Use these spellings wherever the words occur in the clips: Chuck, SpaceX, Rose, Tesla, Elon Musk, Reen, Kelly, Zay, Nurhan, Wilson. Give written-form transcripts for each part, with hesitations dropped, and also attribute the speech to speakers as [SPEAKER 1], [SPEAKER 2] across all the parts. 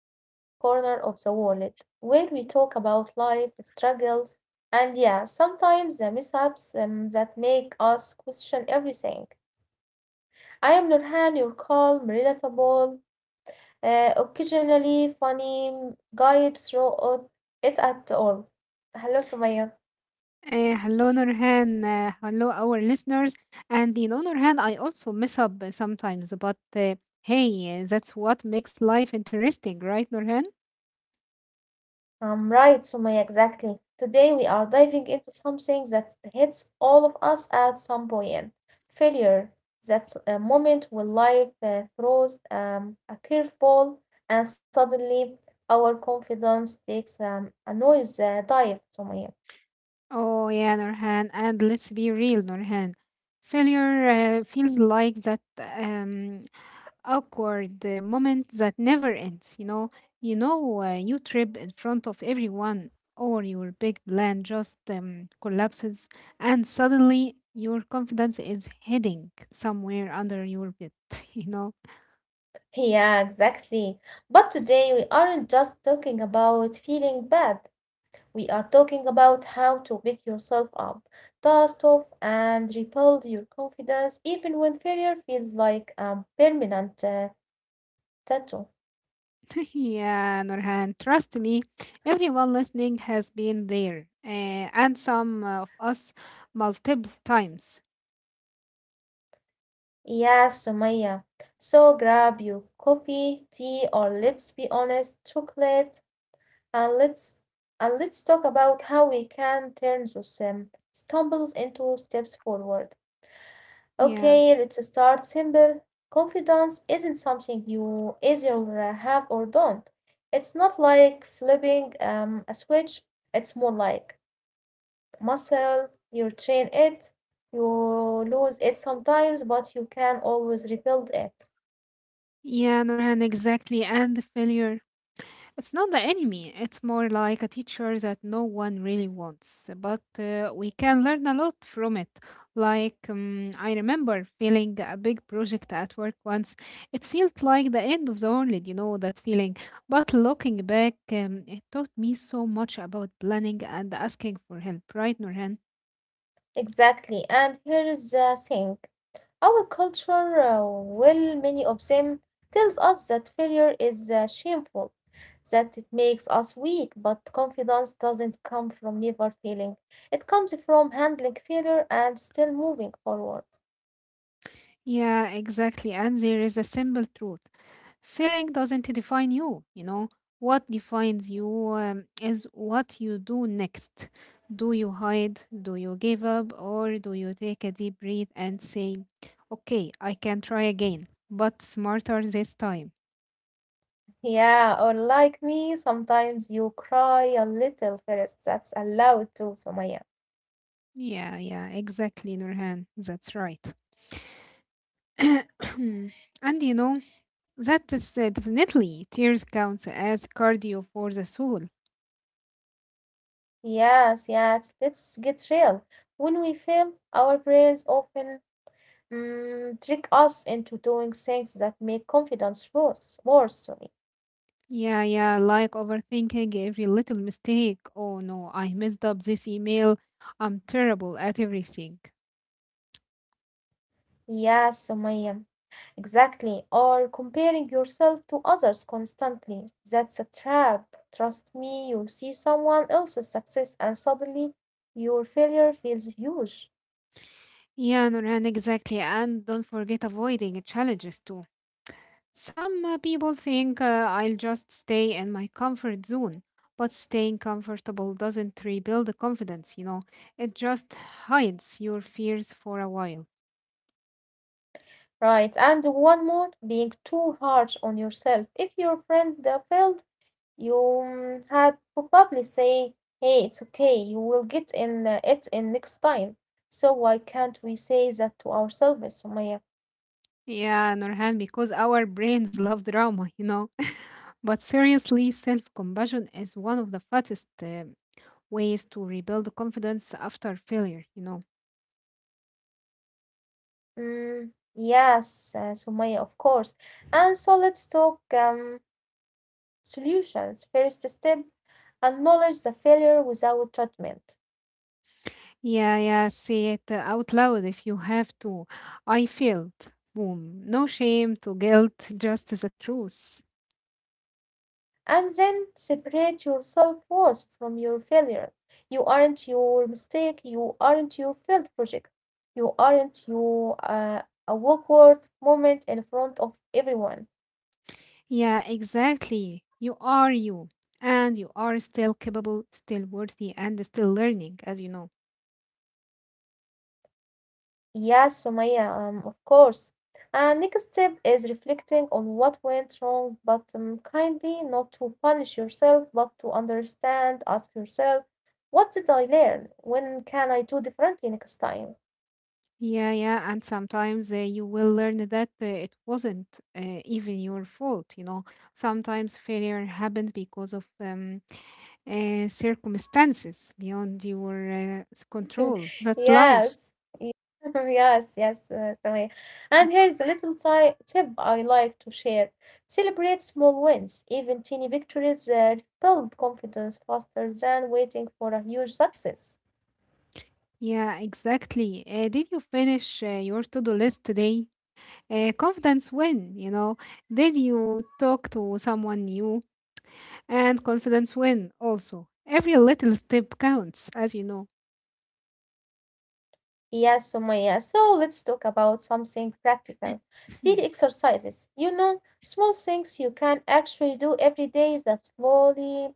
[SPEAKER 1] our little corner of the world where we talk about life, struggles, and yeah, sometimes the mishaps that make us question everything. I am Nurhan, your calm, relatable, occasionally funny guide through it at all. Hello, Sumaya.
[SPEAKER 2] Hello, Nurhan. Hello, our listeners. And you know, Nurhan, I also mess up sometimes, but hey, that's what makes life interesting, right, Nurhan?
[SPEAKER 1] Right, Sumaya, exactly. Today we are diving into something that hits all of us at some point. Failure. That's a moment when life throws a curveball and suddenly our confidence takes a noise dive, Sumaya.
[SPEAKER 2] Oh, yeah, Nurhan. And let's be real, Nurhan. Failure feels like that. Awkward moment that never ends. You trip in front of everyone or your big plan just collapses, and suddenly your confidence is heading somewhere under your bed. you know
[SPEAKER 1] Yeah, exactly. But today we aren't just talking about feeling bad. We are talking about how to pick yourself up, dust off, and rebuild your confidence even when failure feels like a permanent tattoo.
[SPEAKER 2] yeah, Norhan, trust me, everyone listening has been there, and some of us multiple times.
[SPEAKER 1] Yes, Sumaya. So grab your coffee, tea, or let's be honest, chocolate, and let's and let's talk about how we can turn those stumbles into steps forward.
[SPEAKER 2] yeah
[SPEAKER 1] Okay, let's start simple. Confidence isn't something you either have or don't. It's not like flipping a switch, it's more like muscle. You train it, you lose it sometimes, but you can always rebuild it.
[SPEAKER 2] yeah norhan exactly. And the failure, it's not the enemy, it's more like a teacher that no one really wants, but we can learn a lot from it. Like, I remember feeling a big project at work once. It felt like the end of the world, you know, that feeling. But looking back, it taught me so much about planning and asking for help, right, Nurhan?
[SPEAKER 1] Exactly. And here is the thing. Our culture, well, many of them, tells us that failure is shameful, that it makes us weak, but confidence doesn't come from never failing. It comes from handling failure and still moving forward.
[SPEAKER 2] Yeah, exactly. And there is a simple truth. Failing doesn't define you, you know. What defines you is what you do next. Do you hide? Do you give up? Or do you take a deep breath and say, okay, I can try again, but smarter this time?
[SPEAKER 1] Yeah, or like me, sometimes you cry a little first. That's allowed too, Somaya.
[SPEAKER 2] Yeah, yeah, exactly, Nurhan. That's right. And you know, that is definitely, tears counts as cardio for the soul.
[SPEAKER 1] Yes, yes, let's get real. When we fail, our brains often trick us into doing things that make confidence worse, sorry.
[SPEAKER 2] Yeah, yeah, like overthinking every little mistake. Oh no, I messed up this email. I'm terrible at everything.
[SPEAKER 1] Yes, Sumaya, exactly. Or comparing yourself to others constantly. That's a trap. Trust me, you see someone else's success and suddenly your failure feels huge.
[SPEAKER 2] Yeah, Nurhan, exactly. And don't forget avoiding challenges too. Some people think, I'll just stay in my comfort zone, but staying comfortable doesn't rebuild the confidence, you know. It just hides your fears for a while.
[SPEAKER 1] Right, and one more, being too harsh on yourself. If your friend failed, you had probably say, "Hey, it's okay. You will get in it in next time." So why can't we say that to ourselves, Sumaya?
[SPEAKER 2] Yeah, Nurhan, because our brains love drama, you know. But seriously, self compassion is one of the fastest ways to rebuild confidence after failure, you know.
[SPEAKER 1] Mm, yes, Sumaya, of course. And so let's talk solutions. First step, acknowledge the failure without judgment.
[SPEAKER 2] Yeah, yeah, say it out loud if you have to. I failed. Boom. No shame to guilt, just the truth.
[SPEAKER 1] And then separate your self worth from your failure. You aren't your mistake. You aren't your failed project. You aren't your a awkward moment in front of everyone.
[SPEAKER 2] Yeah, exactly. You are you, and you are still capable, still worthy, and still learning, as you know.
[SPEAKER 1] Yes, Sumaya, of course. And next step is reflecting on what went wrong, but kindly not to punish yourself, but to understand. Ask yourself, what did I learn? When can I do differently next time?
[SPEAKER 2] Yeah, yeah, and sometimes you will learn that it wasn't even your fault, you know. Sometimes failure happens because of circumstances beyond your control. That's
[SPEAKER 1] Yes.
[SPEAKER 2] life.
[SPEAKER 1] Y- Yes, yes, Samia. And here's a little tip I like to share. Celebrate small wins. Even teeny victories build confidence faster than waiting for a huge success.
[SPEAKER 2] Yeah, exactly. Did you finish your to-do list today? Confidence win, you know. Did you talk to someone new? And confidence win also. Every little step counts, as you know.
[SPEAKER 1] Yes, Sumaya. So let's talk about something practical. Daily exercises. You know, small things you can actually do every day that slowly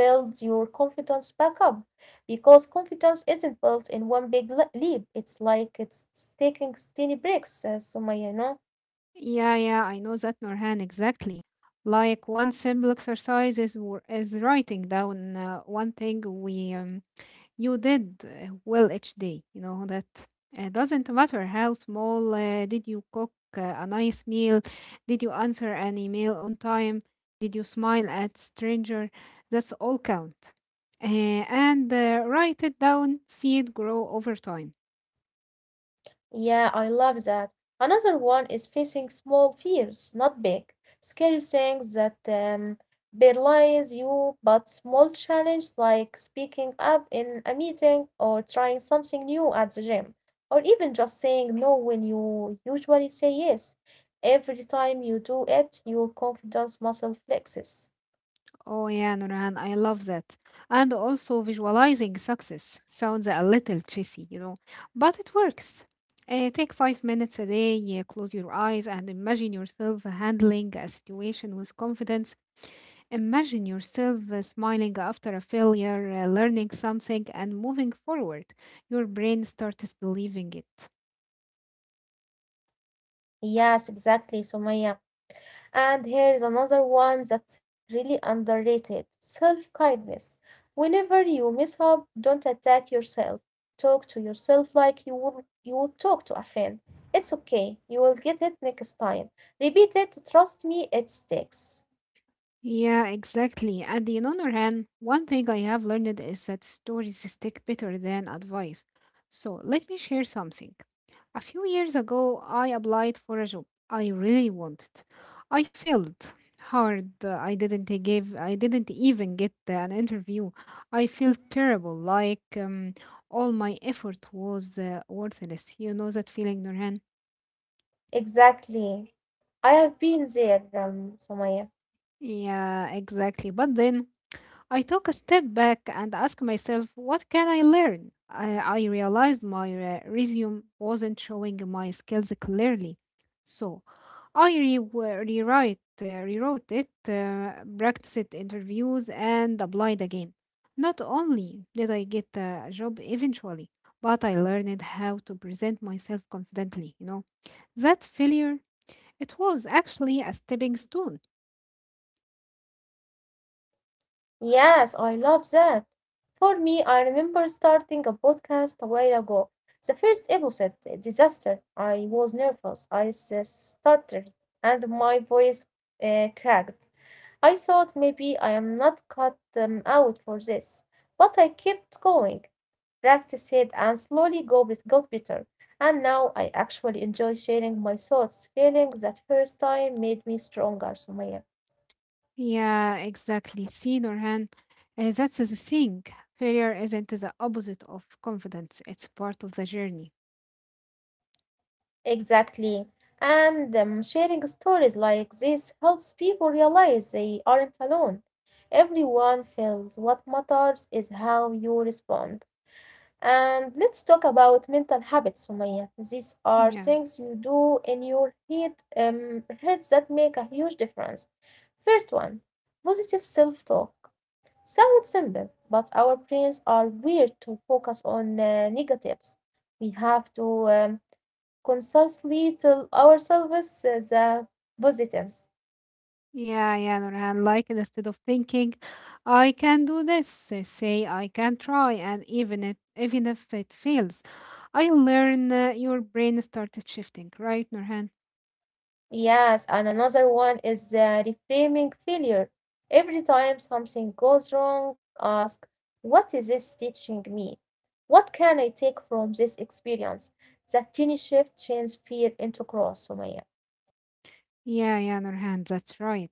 [SPEAKER 1] build your confidence back up. Because confidence isn't built in one big leap. It's like it's taking tiny breaks, Sumaya, you know.
[SPEAKER 2] Yeah, yeah, I know that, Nurhan, exactly. Like one simple exercise is, is writing down one thing we you did well each day. You know that doesn't matter how small. Did you cook a nice meal? Did you answer an email on time? Did you smile at stranger? That's all count. Uh, and write it down. See it grow over time.
[SPEAKER 1] Yeah, I love that. Another one is facing small fears, not big, scary things that paralyze you, but small challenges like speaking up in a meeting or trying something new at the gym, or even just saying no when you usually say yes. Every time you do it, your confidence muscle flexes.
[SPEAKER 2] Oh yeah, Nurhan, I love that. And also visualizing success sounds a little cheesy, you know, but it works. Take five minutes a day, yeah, close your eyes and imagine yourself handling a situation with confidence. Imagine yourself smiling after a failure, learning something, and moving forward. Your brain starts believing it.
[SPEAKER 1] Yes, exactly, Sumaya. And here's another one that's really underrated self kindness. Whenever you mess up, don't attack yourself. Talk to yourself like you would talk to a friend. It's okay, you will get it next time. Repeat it, trust me, it sticks.
[SPEAKER 2] Yeah, exactly. And in honor hand, one thing I have learned is that stories stick better than advice. So let me share something. A few years ago, I applied for a job I really wanted. I failed hard. I didn't give. I didn't even get an interview. I felt terrible. Like, all my effort was worthless. You know that feeling, Nurhan?
[SPEAKER 1] Exactly. I have been there, Sumaya.
[SPEAKER 2] Yeah, exactly. But then I took a step back and asked myself, what can I learn? I realized my resume wasn't showing my skills clearly. So I rewrote it, practiced interviews, and applied again. Not only did I get a job eventually, but I learned how to present myself confidently. You know, that failure, it was actually a stepping stone.
[SPEAKER 1] Yes, I love that. For me, I remember starting a podcast a while ago. The first episode, a disaster. I was nervous. Stuttered and my voice cracked. I thought maybe I am not cut out for this, but I kept going, practiced it, and slowly go got better. And now I actually enjoy sharing my thoughts, feeling that first time made me stronger, Sumaya.
[SPEAKER 2] Yeah, exactly. See, Norhan, that's the thing. Failure isn't the opposite of confidence, it's part of the journey.
[SPEAKER 1] Exactly. And sharing stories like this helps people realize they aren't alone. Everyone feels what matters is how you respond. And let's talk about mental habits, Sumaya. These are
[SPEAKER 2] Yeah.
[SPEAKER 1] things you do in your head, heads that make a huge difference. First one, positive self-talk. Sounds simple, but our brains are weird to focus on negatives. We have to consciously tell ourselves the positives.
[SPEAKER 2] Yeah, yeah, Norhan. Like instead of thinking, I can do this, say I can try, and even if it fails, I learn. Your brain started shifting, right, Norhan?
[SPEAKER 1] Yes, and another one is the reframing failure. Every time something goes wrong, ask, what is this teaching me? What can I take from this experience? That tiny shift changes fear into growth, Sumaya.
[SPEAKER 2] Yeah, yeah, Norhan. That's right.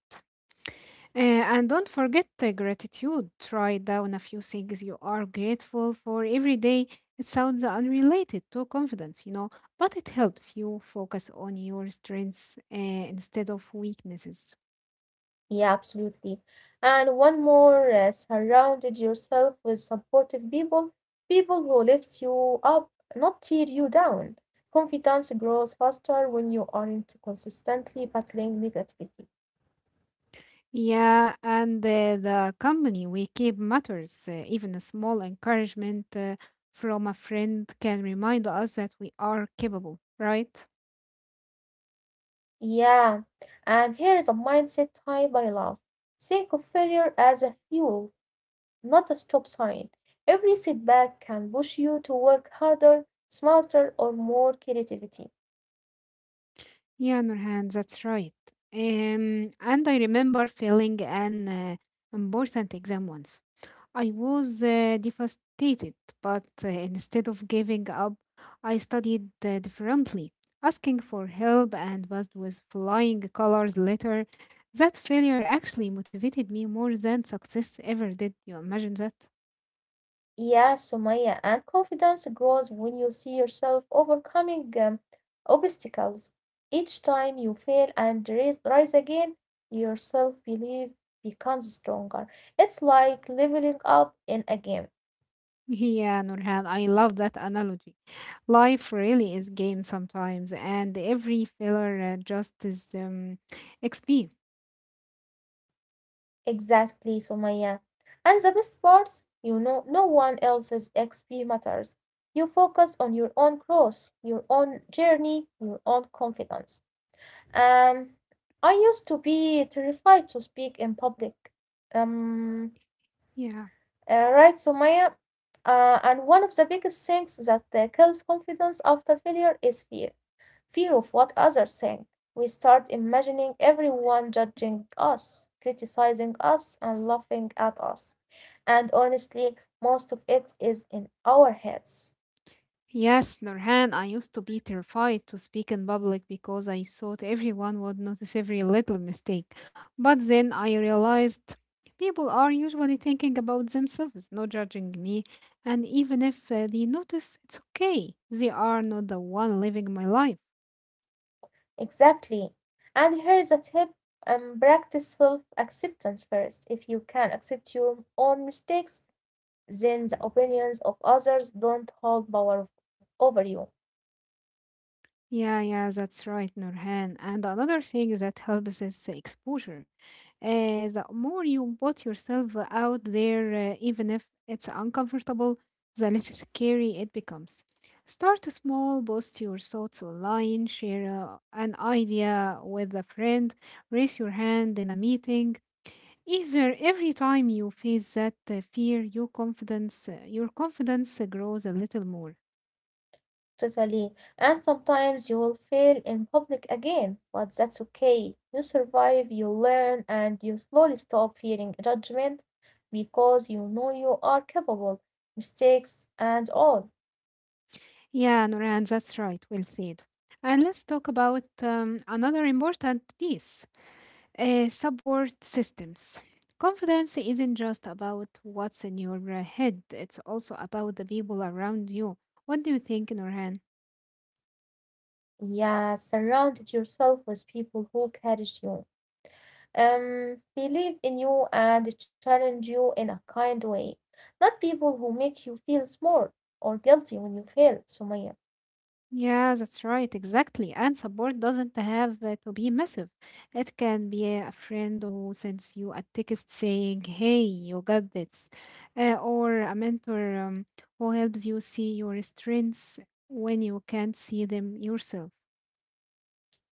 [SPEAKER 2] And don't forget the gratitude. Write down a few things you are grateful for every day. It sounds unrelated to confidence, you know, but it helps you focus on your strengths instead of weaknesses.
[SPEAKER 1] Yeah, absolutely. And one more, surrounded yourself with supportive people, people who lift you up, not tear you down. Confidence grows faster when you aren't consistently battling negativity.
[SPEAKER 2] Yeah, and the company we keep matters. Even a small encouragement from a friend can remind us that we are capable, right?
[SPEAKER 1] Yeah, and here is a mindset type I love. Think of failure as a fuel, not a stop sign. Every setback can push you to work harder, smarter, or more creativity.
[SPEAKER 2] Yeah, Nurhan, that's right. And I remember failing an important exam once. I was devastated, but instead of giving up, I studied differently, asking for help and passed with flying colors later. That failure actually motivated me more than success ever did. You imagine that?
[SPEAKER 1] Yeah, Sumaya, and confidence grows when you see yourself overcoming obstacles. Each time you fail and rise again, your self belief becomes stronger. It's like leveling up in a game.
[SPEAKER 2] Yeah, Nurhan, I love that analogy. Life really is game sometimes, and every failure just is XP.
[SPEAKER 1] Exactly, Sumaya. And the best part, you know, no one else's XP matters. You focus on your own growth, your own journey, your own confidence. Um, I used to be terrified to speak in public. Um,
[SPEAKER 2] Yeah.
[SPEAKER 1] right, Sumaya? And one of the biggest things that kills confidence after failure is fear of what others think. We start imagining everyone judging us, criticizing us, and laughing at us. And honestly, most of it is in our heads.
[SPEAKER 2] Yes, Nurhan, I used to be terrified to speak in public because I thought everyone would notice every little mistake. But then I realized people are usually thinking about themselves, not judging me. And even if they notice, it's okay. They are not the one living my life.
[SPEAKER 1] Exactly. And here's a tip practice self acceptance first. If you can accept your own mistakes, then the opinions of others don't hold power over you.
[SPEAKER 2] Yeah, yeah, that's right, Nurhan. And another thing that helps is exposure. The more you put yourself out there, even if it's uncomfortable, the less scary it becomes. Start small, post your thoughts online, share an idea with a friend, raise your hand in a meeting. Even every time you face that fear, your confidence grows a little more.
[SPEAKER 1] Totally. And sometimes you will fail in public again, but that's okay. You survive, you learn, and you slowly stop fearing judgment because you know you are capable, mistakes and all.
[SPEAKER 2] Yeah, Noran, that's right. Well said. And let's talk about another important piece, support systems. Confidence isn't just about what's in your head, it's also about the people around you. What do you think, Noran?
[SPEAKER 1] Yeah, surround yourself with people who encourage you, believe in you and challenge you in a kind way, not people who make you feel small or guilty when you fail, Sumaya.
[SPEAKER 2] Yeah, that's right, exactly. And support doesn't have to be massive. It can be a friend who sends you a text saying, "Hey, you got this," or a mentor who helps you see your strengths when you can't see them yourself.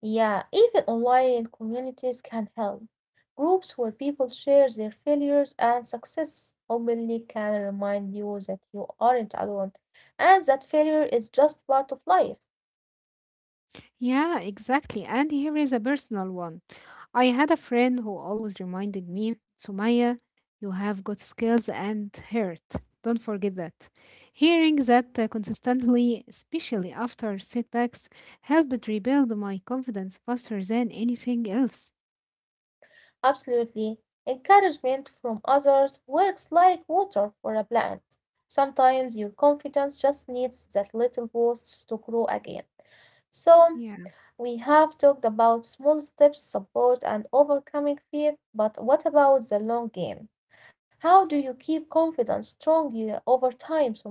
[SPEAKER 1] Yeah, even online communities can help. Groups where people share their failures and success openly can remind you that you aren't alone and that failure is just part of life.
[SPEAKER 2] Yeah, exactly. And here is a personal one. I had a friend who always reminded me, Sumaya, you have got skills and heart. Don't forget that. Hearing that consistently, especially after setbacks, helped rebuild my confidence faster than anything else.
[SPEAKER 1] Absolutely. Encouragement from others works like water for a plant. Sometimes your confidence just needs that little boost to grow again. So,
[SPEAKER 2] Yeah.
[SPEAKER 1] we have talked about small steps, support, and overcoming fear, but what about the long game? How do you keep confidence strong over time, Sumaya?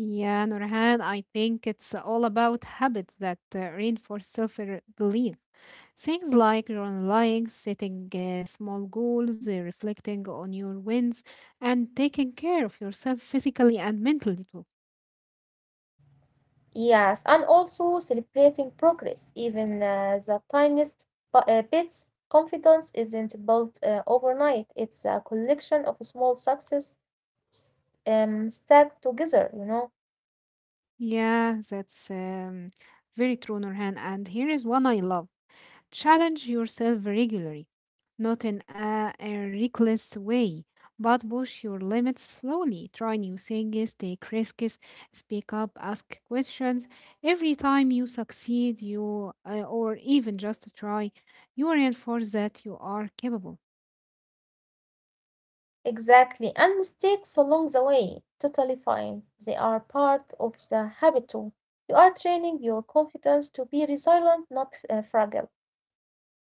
[SPEAKER 2] Yeah, Nurhan, I think it's all about habits that reinforce self belief. Things like journaling, setting small goals, reflecting on your wins, and taking care of yourself physically and mentally too.
[SPEAKER 1] Yes, and also celebrating progress, even the tiniest bits. Confidence isn't built overnight, it's a collection of small success s- stacked together, you know.
[SPEAKER 2] Yeah, that's very true, Nurhan. And here is one I love. Challenge yourself regularly, not in a reckless way, but push your limits slowly. Try new things, take risks, speak up, ask questions. Every time you succeed, you or even just try, you reinforce that you are capable.
[SPEAKER 1] Exactly, and mistakes along the way, totally fine. They are part of the habit too. You are training your confidence to be resilient, not fragile.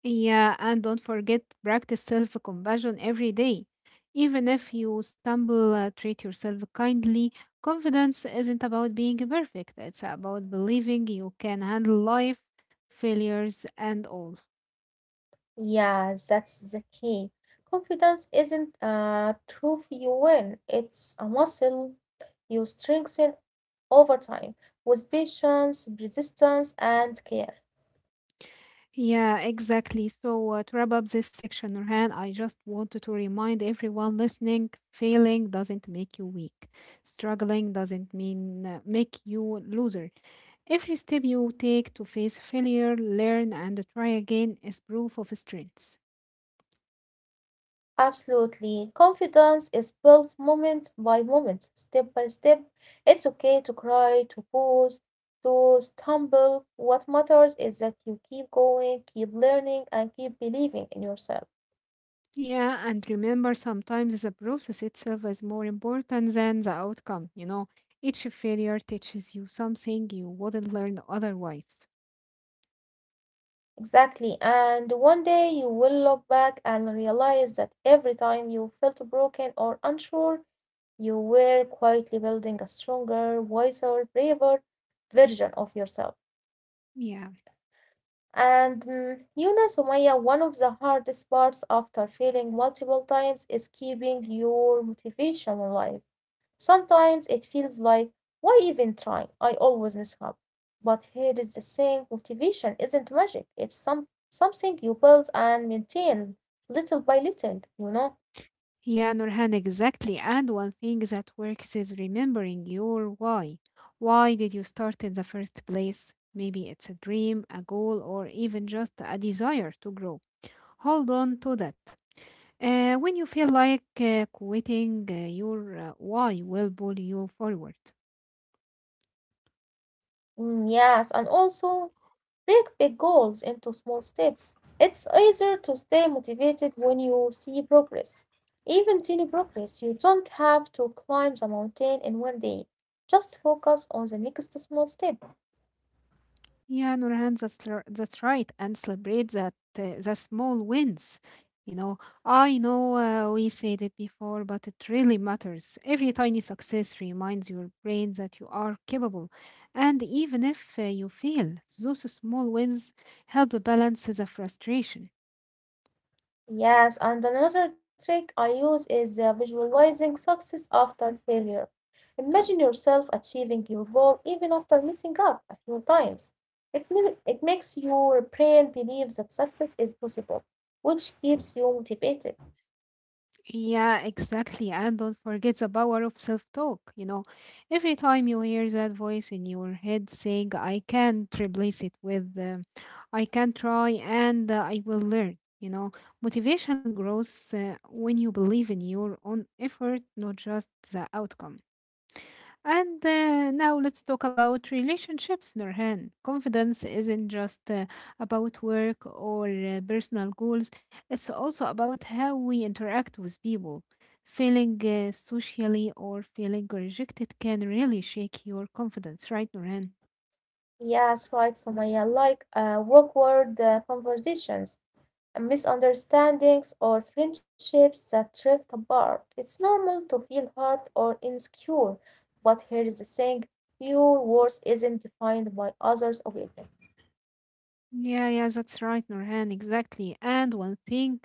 [SPEAKER 2] Yeah, and don't forget practice self-compassion every day. Even if you stumble, treat yourself kindly. Confidence isn't about being perfect. It's about believing you can handle life, failures, and all.
[SPEAKER 1] Yeah, that's the key. Confidence isn't a trophy you win, it's a muscle you strengthen over time with patience, persistence, and care.
[SPEAKER 2] Yeah, exactly. So to wrap up this section, Nurhan, I just wanted to remind everyone listening: failing doesn't make you weak. Struggling doesn't mean make you loser. Every step you take to face failure, learn, and try again is proof of strength.
[SPEAKER 1] Absolutely. Confidence is built moment by moment, step by step. It's okay to cry, to pause, to stumble. What matters is that you keep going, keep learning, and keep believing in yourself.
[SPEAKER 2] Yeah, and remember sometimes the process itself is more important than the outcome. You know, each failure teaches you something you wouldn't learn otherwise.
[SPEAKER 1] Exactly. And one day you will look back and realize that every time you felt broken or unsure, you were quietly building a stronger, wiser, braver version of yourself.
[SPEAKER 2] Yeah.
[SPEAKER 1] And you know, Sumaya, one of the hardest parts after failing multiple times is keeping your motivation alive. Sometimes it feels like, why even try? I always mess up. But here is the thing motivation isn't magic, it's something you build and maintain little by little, you know?
[SPEAKER 2] Yeah, Nurhan, exactly. And one thing that works is remembering your why. Why did you start in the first place? Maybe it's a dream, a goal, or even just a desire to grow. Hold on to that. When you feel like quitting, your why will pull you forward.
[SPEAKER 1] Yes, and also Break big goals into small steps. It's easier to stay motivated when you see progress. Even tiny progress, you don't have to climb the mountain in one day. Just focus on the next small step.
[SPEAKER 2] Yeah, Nurhan, that's right. And celebrate that the small wins. You know, I know we said it before, but it really matters. Every tiny success reminds your brain that you are capable. And even if you fail, those small wins help balance the frustration.
[SPEAKER 1] Yes, and another trick I use is visualizing success after failure. Imagine yourself achieving your goal even after messing up a few times. It makes your brain believe that success is possible, which keeps you motivated.
[SPEAKER 2] Yeah, exactly. And don't forget the power of self-talk. You know, every time you hear that voice in your head saying, I can't, replace it with, I can try and I will learn. You know, motivation grows when you believe in your own effort, not just the outcome. And now let's talk about relationships, Nurhan. Confidence isn't just about work or personal goals, it's also about how we interact with people. Feeling socially or feeling rejected can really shake your confidence, right, Nurhan?
[SPEAKER 1] Yes, right, Sumaya. Like awkward conversations, and misunderstandings, or friendships that drift apart. It's normal to feel hurt or insecure, but here is the thing: your worth isn't defined by others' opinion.
[SPEAKER 2] Yeah, yeah, that's right, Norhan, exactly. And one thing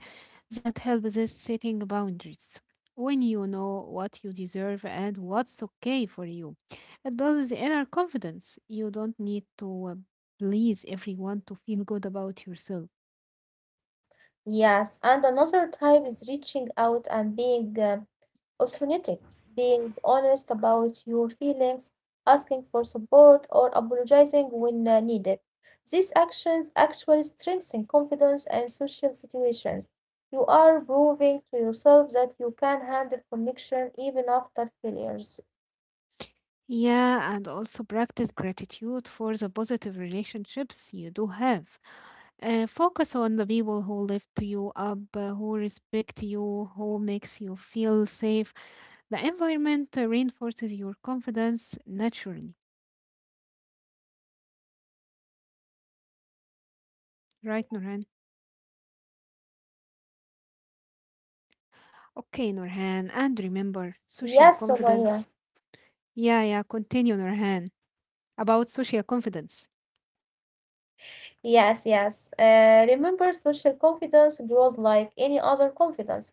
[SPEAKER 2] that helps is setting boundaries. When you know what you deserve and what's okay for you, it builds inner confidence. You don't need to please everyone to feel good about yourself.
[SPEAKER 1] Yes, and another type is reaching out and being authentic, being honest about your feelings, asking for support, or apologizing when needed. These actions actually strengthen confidence and social situations. You are proving to yourself that you can handle connection even after failures.
[SPEAKER 2] Yeah, and also practice gratitude for the positive relationships you do have. Focus on the people who lift you up, who respect you, who makes you feel safe. The environment reinforces your confidence naturally. Right, Nurhan? Okay, Nurhan. And remember,
[SPEAKER 1] Yes,
[SPEAKER 2] social
[SPEAKER 1] Somaya.
[SPEAKER 2] confidence. Yeah, yeah, continue, Nurhan. About social confidence.
[SPEAKER 1] Yes, yes. Remember, social confidence grows like any other confidence.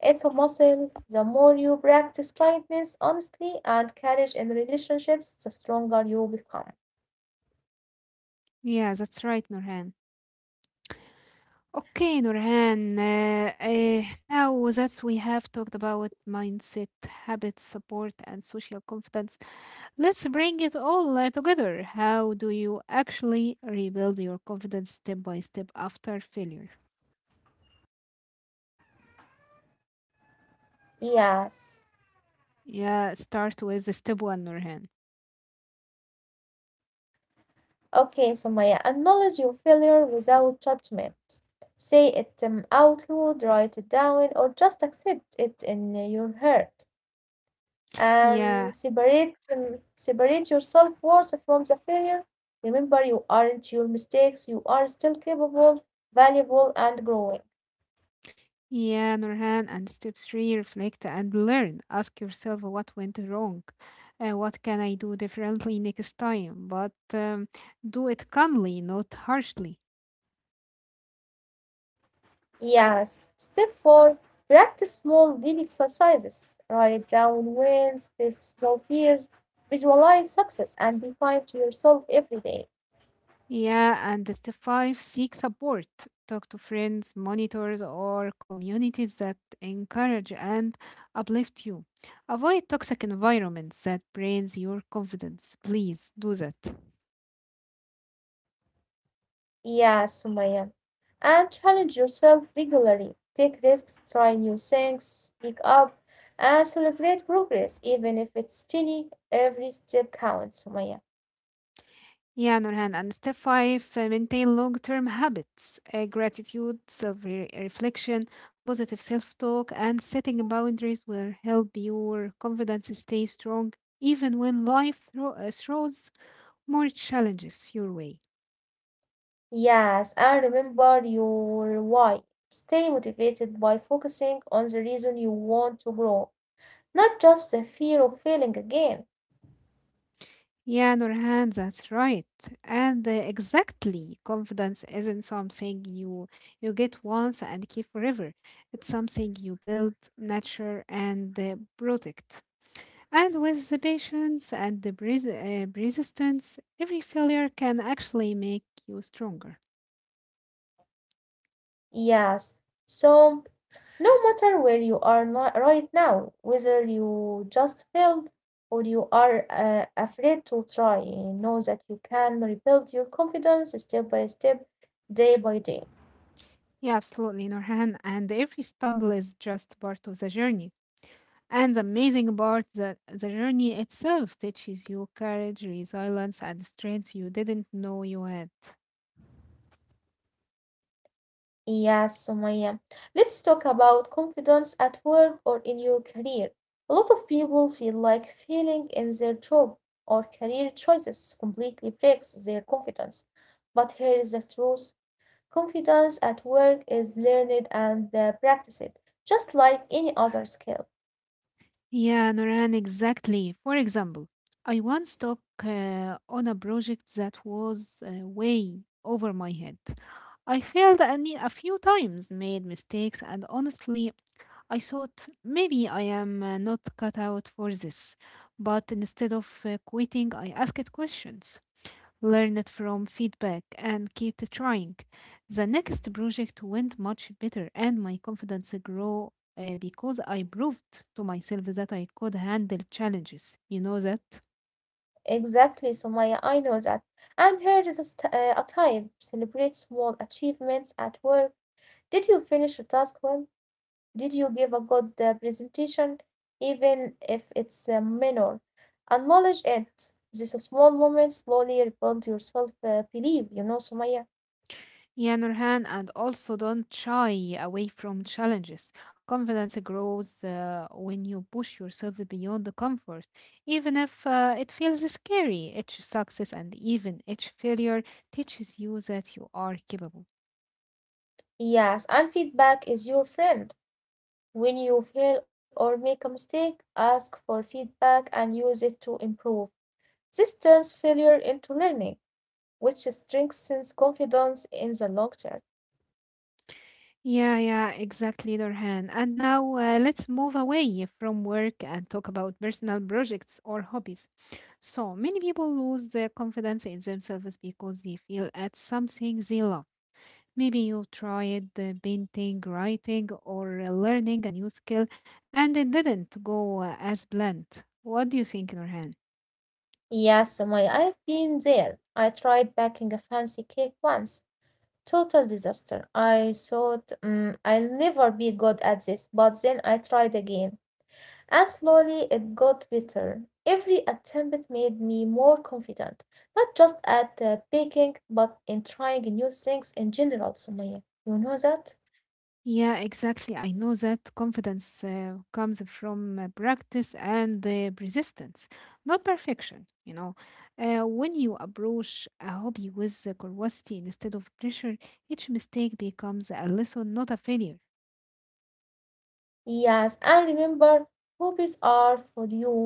[SPEAKER 1] It's a muscle. The more you practice kindness, honesty, and courage in relationships, the stronger you become.
[SPEAKER 2] Yeah, that's right, Nurhan. Okay, Nurhan. Now that we have talked about mindset, habits, support, and social confidence, let's bring it all together. How do you actually rebuild your confidence step by step after failure?
[SPEAKER 1] Yes.
[SPEAKER 2] Yeah, start with the step one, Nurhan.
[SPEAKER 1] Okay, Sumaya, acknowledge your failure without judgment. Say it out loud, write it down, or just accept it in your heart.
[SPEAKER 2] Yeah,
[SPEAKER 1] Separate your self worth from the failure. Remember, you aren't your mistakes, you are still capable, valuable, and growing.
[SPEAKER 2] yeah, Nurhan. And step three, reflect and learn. Ask yourself what went wrong, what can I do differently next time. But do it calmly, not harshly.
[SPEAKER 1] Yes. Step four, practice small daily exercises. Write down wins, face small fears, visualize success, and be kind to yourself every day.
[SPEAKER 2] Yeah, and step five, seek support. Talk to friends, monitors, or communities that encourage and uplift you. Avoid toxic environments that drains your confidence. Please do that.
[SPEAKER 1] Yes, Sumaya. And challenge yourself regularly. Take risks, try new things, speak up, and celebrate progress, even if it's tiny. Every step counts, Sumaya.
[SPEAKER 2] Yeah, Nurhan. And step five, maintain long term habits, gratitude, self reflection, positive self talk, and setting boundaries will help your confidence stay strong even when life throws more challenges your way.
[SPEAKER 1] Yes, and remember your why. Stay motivated by focusing on the reason you want to grow, not just the fear of failing again.
[SPEAKER 2] Yeah, Nurhan, that's right. And exactly, confidence isn't something you get once and keep forever. It's something you build, nurture, and protect. And with the patience and the persistence, every failure can actually make you stronger.
[SPEAKER 1] Yes, so no matter where you are not right now, whether you just failed or you are afraid to try, know that you can rebuild your confidence step by step, day by day.
[SPEAKER 2] Yeah, absolutely, Nurhan. And every stumble is just part of the journey. And the amazing part that the journey itself teaches you courage, resilience, and strengths you didn't know you had.
[SPEAKER 1] Yes, Sumaya. Let's talk about confidence at work or in your career. A lot of people feel like failing in their job or career choices completely breaks their confidence. But here is the truth: confidence at work is learned and practiced, just like any other skill.
[SPEAKER 2] Yeah, Noran, exactly. For example, I once took on a project that was way over my head. I failed a few times, made mistakes, and honestly, I thought maybe I am not cut out for this. But instead of quitting, I asked questions. Learn it from feedback and keep trying. The next project went much better, and my confidence grew because I proved to myself that I could handle challenges. You know that?
[SPEAKER 1] Exactly, Somaya. I know that. And here is a time. Celebrate small achievements at work. Did you finish a task well? Did you give a good presentation, even if it's minor? Acknowledge it. These small moments slowly rebuild your self belief, you know, Somaya.
[SPEAKER 2] Yeah, Nurhan, and also don't shy away from challenges. Confidence grows when you push yourself beyond the comfort, even if it feels scary. Each success and even each failure teaches you that you are capable.
[SPEAKER 1] Yes, and feedback is your friend. When you fail or make a mistake, ask for feedback and use it to improve. This turns failure into learning, which strengthens confidence in the long term.
[SPEAKER 2] Yeah, yeah, exactly, Dorhan. And now let's move away from work and talk about personal projects or hobbies. So many people lose their confidence in themselves because they feel at something they love. Maybe you tried painting, writing, or learning a new skill, and it didn't go as planned. What do you think, Nurhan?
[SPEAKER 1] Yes, Sumaya, I've been there. I tried baking a fancy cake once. Total disaster. I thought, I'll never be good at this, but then I tried again. And slowly it got better. Every attempt made me more confident, not just at baking, but in trying new things in general, Sumaya. You know that?
[SPEAKER 2] Yeah, exactly. I know that confidence comes from practice and persistence, not perfection. You know, when you approach a hobby with curiosity instead of pressure, each mistake becomes a lesson, not a failure.
[SPEAKER 1] Yes, and remember, hobbies are for you,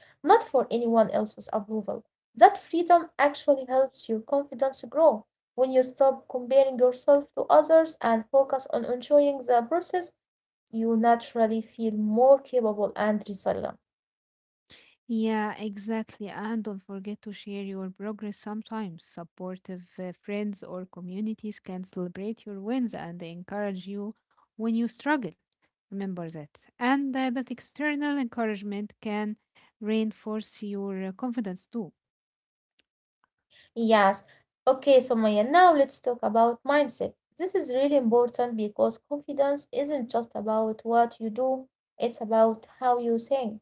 [SPEAKER 1] not for anyone else's approval. That freedom actually helps your confidence grow. When you stop comparing yourself to others and focus on enjoying the process, you naturally feel more capable and resilient.
[SPEAKER 2] Yeah, exactly. And don't forget to share your progress sometimes. Supportive friends or communities can celebrate your wins and encourage you when you struggle. Remember that. And that external encouragement can reinforce your confidence too.
[SPEAKER 1] Yes. Okay, so Maya, now let's talk about mindset. This is really important because confidence isn't just about what you do, it's about how you think.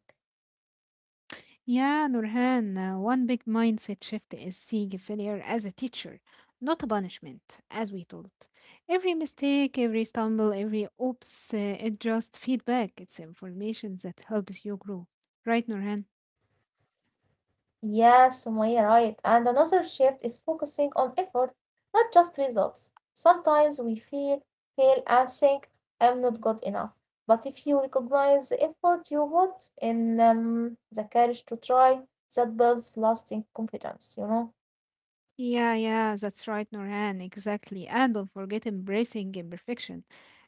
[SPEAKER 2] Yeah, Nurhan, one big mindset shift is seeing failure as a teacher, not a punishment, as we told. Every mistake, every stumble, every oops, it just feedback. It's information that helps you grow. Right, Nurhan?
[SPEAKER 1] Yes, Sumaya, right. And another shift is focusing on effort, not just results. Sometimes we feel, fail, and think, I'm not good enough. But if you recognize the effort you put in, the courage to try, that builds lasting confidence, you know?
[SPEAKER 2] Yeah, yeah, that's right, Nurhan, exactly. And don't forget embracing imperfection.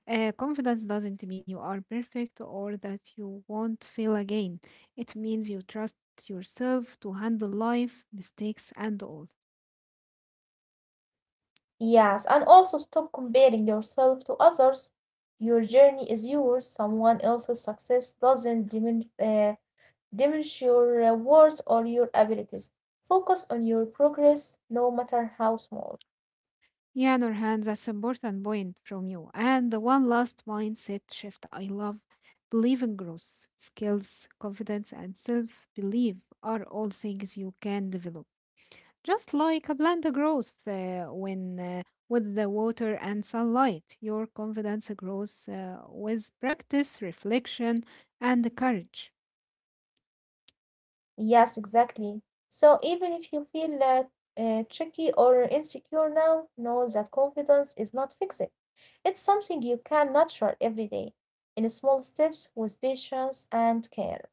[SPEAKER 2] Confidence doesn't mean you are perfect or that you won't fail again. It means you trust yourself to handle life, mistakes, and all.
[SPEAKER 1] Yes, and also stop comparing yourself to others. Your journey is yours. Someone else's success doesn't diminish your worth or your abilities. Focus on your progress, no matter how small.
[SPEAKER 2] Yeah, Nurhan, that's important point from you. And the one last mindset shift I love. Believe in growth. Skills, confidence, and self belief are all things you can develop. Just like a plant grows when with the water and sunlight, your confidence grows with practice, reflection, and courage.
[SPEAKER 1] Yes, exactly. So even if you feel tricky or insecure now, know that confidence is not fixed. It's something you can nurture every day in small steps with patience and care.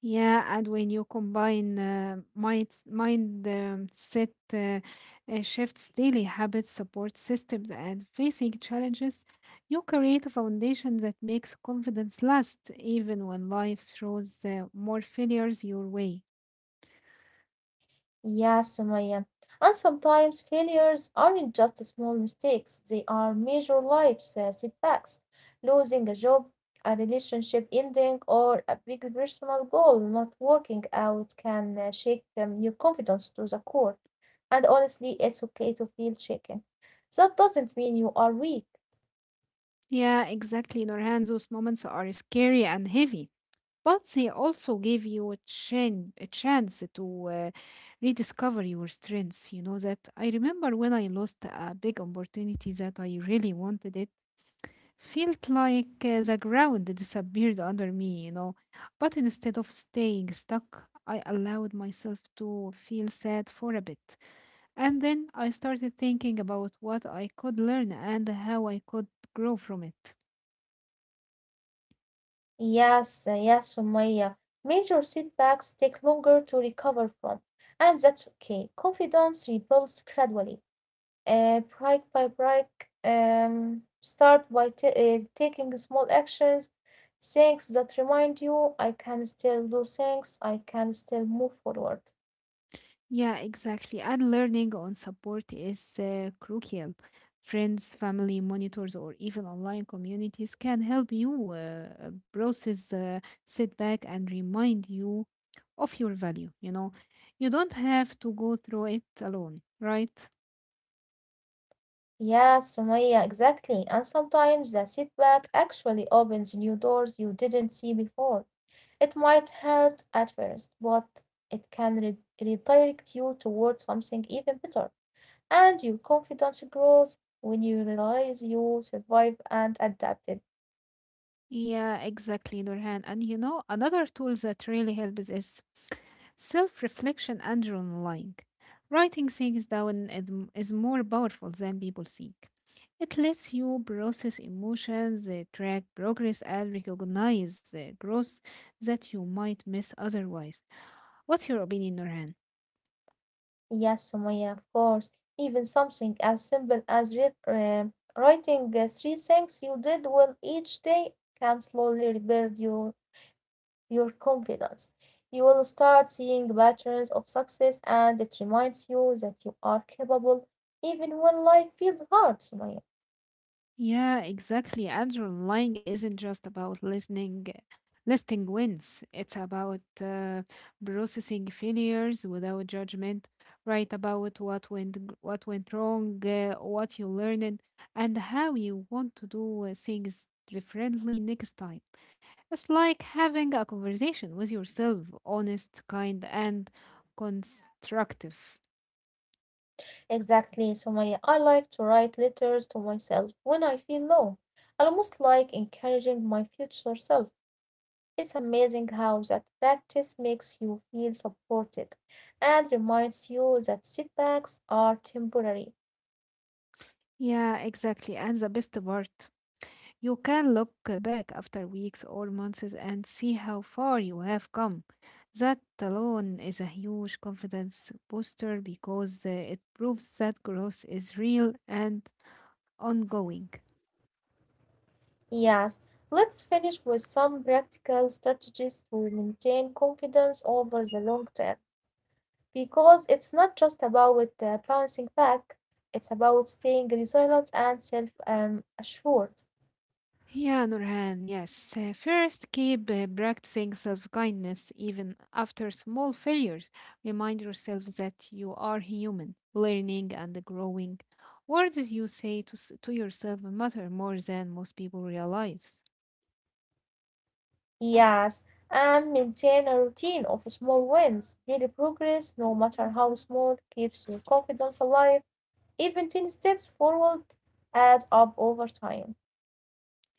[SPEAKER 2] Yeah, and when you combine mindset uh, shifts, daily habits, support systems, and facing challenges, you create a foundation that makes confidence last even when life throws more failures your way.
[SPEAKER 1] Yeah, Sumaya. And sometimes failures aren't just small mistakes, they are major life setbacks. Losing a job, a relationship ending, or a big personal goal not working out can shake your confidence to the core. And honestly, it's okay to feel shaken. That doesn't mean you are weak.
[SPEAKER 2] Yeah, exactly, Nurhan. Those moments are scary and heavy, but they also give you a chance to rediscover your strengths. You know that I remember when I lost a big opportunity that I really wanted it, felt like the ground disappeared under me, you know. But instead of staying stuck, I allowed myself to feel sad for a bit. And then I started thinking about what I could learn and how I could grow from it.
[SPEAKER 1] Yes, Sumaya. Major setbacks take longer to recover from, and that's okay. Confidence rebuilds gradually. Break by break, start by taking small actions, things that remind you I can still do things, I can still move forward.
[SPEAKER 2] Yeah, exactly. And learning on support is crucial. Friends, family, monitors, or even online communities can help you process setback and remind you of your value, you know. You don't have to go through it alone, right?
[SPEAKER 1] Yeah, Sumaya, exactly. And sometimes the setback actually opens new doors you didn't see before. It might hurt at first, but it can redirect you toward something even better. And your confidence grows when you realize you survived and adapted.
[SPEAKER 2] Yeah, exactly, Nurhan. And you know, another tool that really helps is self reflection and journaling. Writing things down is is more powerful than people think. It lets you process emotions, track progress, and recognize the growth that you might miss otherwise. What's your opinion, Nurhan?
[SPEAKER 1] Yes, Sumaya, of course. Even something as simple as writing three things you did well each day can slowly rebuild your confidence. You will start seeing patterns of success, and it reminds you that you are capable even when life feels hard, Sumaya.
[SPEAKER 2] Yeah, exactly. Adrenaline lying isn't just about listening, listing wins. It's about processing failures without judgment. Write about what what went wrong, what you learned, and how you want to do things differently next time. It's like having a conversation with yourself, honest, kind, and constructive.
[SPEAKER 1] Exactly, Sumaya. I like to write letters to myself when I feel low, almost like encouraging my future self. It's amazing how that practice makes you feel supported and reminds you that setbacks are temporary.
[SPEAKER 2] Yeah, exactly. And the best part. You can look back after weeks or months and see how far you have come. That alone is a huge confidence booster because it proves that growth is real and ongoing.
[SPEAKER 1] Yes, let's finish with some practical strategies to maintain confidence over the long term, because it's not just about bouncing back, it's about staying resilient and self assured.
[SPEAKER 2] Yeah, Nurhan, yes. First, keep practicing self kindness even after small failures. Remind yourself that you are human, learning and growing. Words you say to yourself matter more than most people realize.
[SPEAKER 1] Yes, and maintain a routine of small wins. Daily progress, no matter how small, keeps your confidence alive. Even 10 steps forward add up over time.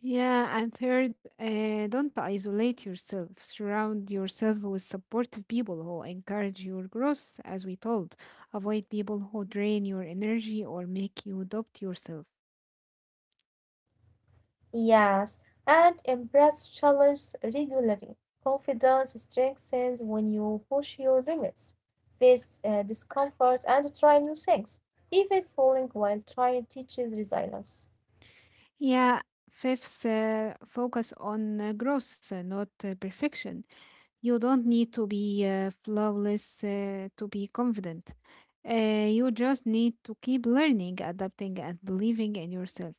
[SPEAKER 2] Yeah, and third, don't isolate yourself. Surround yourself with supportive people who encourage your growth, as we told. Avoid people who drain your energy or make you doubt yourself.
[SPEAKER 1] Yes, and embrace challenges regularly. Confidence strengthens when you push your limits, face discomfort, and try new things. Even falling while trying teaches resilience.
[SPEAKER 2] Yeah, fifth, focus on growth, not perfection. You don't need to be flawless to be confident. You just need to keep learning, adapting, and believing in yourself.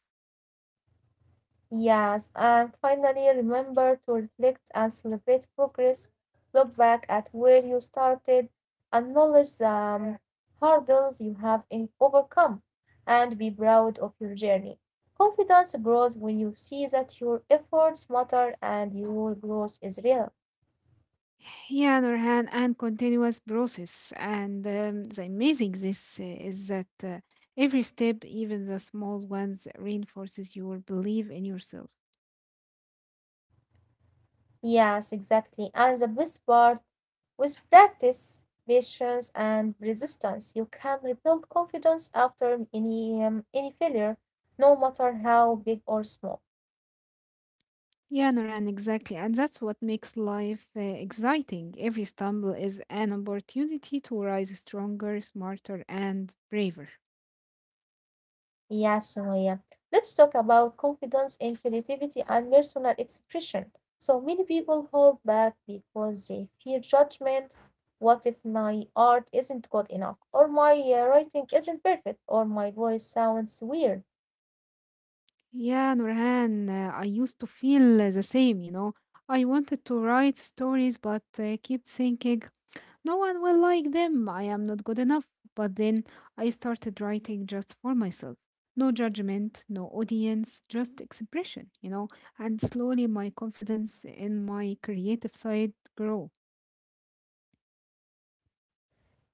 [SPEAKER 1] Yes, and finally remember to reflect and celebrate progress. Look back at where you started, acknowledge the hurdles you have overcome, and be proud of your journey. Confidence grows when you see that your efforts matter and your growth is real.
[SPEAKER 2] Yeah, Nurhan, and continuous process. And the amazing this is that every step, even the small ones, reinforces your belief in yourself.
[SPEAKER 1] Yes, exactly. And the best part, with practice, patience, and resistance, you can rebuild confidence after any failure, no matter how big or small.
[SPEAKER 2] Yeah, Nurhan, exactly. And that's what makes life exciting. Every stumble is an opportunity to rise stronger, smarter, and braver.
[SPEAKER 1] Yes, Sumaya. Let's talk about confidence in creativity and personal expression. So many people hold back because they fear judgment. What if my art isn't good enough, or my writing isn't perfect, or my voice sounds weird?
[SPEAKER 2] Yeah, Nurhan, I used to feel the same, you know. I wanted to write stories, but kept thinking no one will like them. I am not good enough. But then I started writing just for myself. No judgment, no audience, just expression, you know. And slowly my confidence in my creative side grew.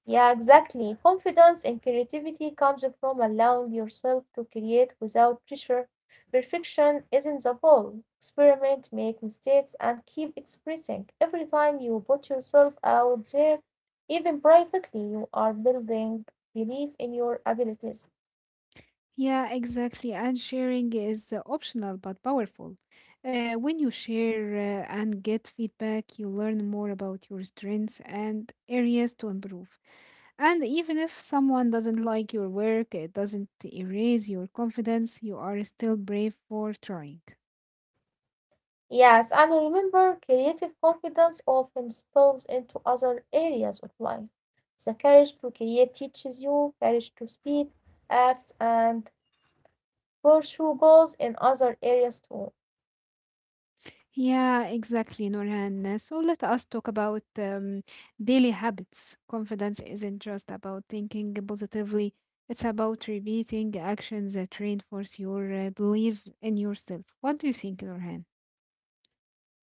[SPEAKER 1] Yeah, exactly. Confidence and creativity comes from allowing yourself to create without pressure. Perfection isn't the goal. Experiment, make mistakes, and keep expressing. Every time you put yourself out there, even privately, you are building belief in your abilities.
[SPEAKER 2] Yeah, exactly. And sharing is optional but powerful. When you share and get feedback, you learn more about your strengths and areas to improve. And even if someone doesn't like your work, it doesn't erase your confidence. You are still brave for trying.
[SPEAKER 1] Yes, and remember, creative confidence often spills into other areas of life. The courage to create teaches you courage to speak, act, and pursue goals in other areas too.
[SPEAKER 2] Yeah, exactly, Nurhan. So let us talk about daily habits. Confidence isn't just about thinking positively, it's about repeating actions that reinforce your belief in yourself. What do you think, Nurhan?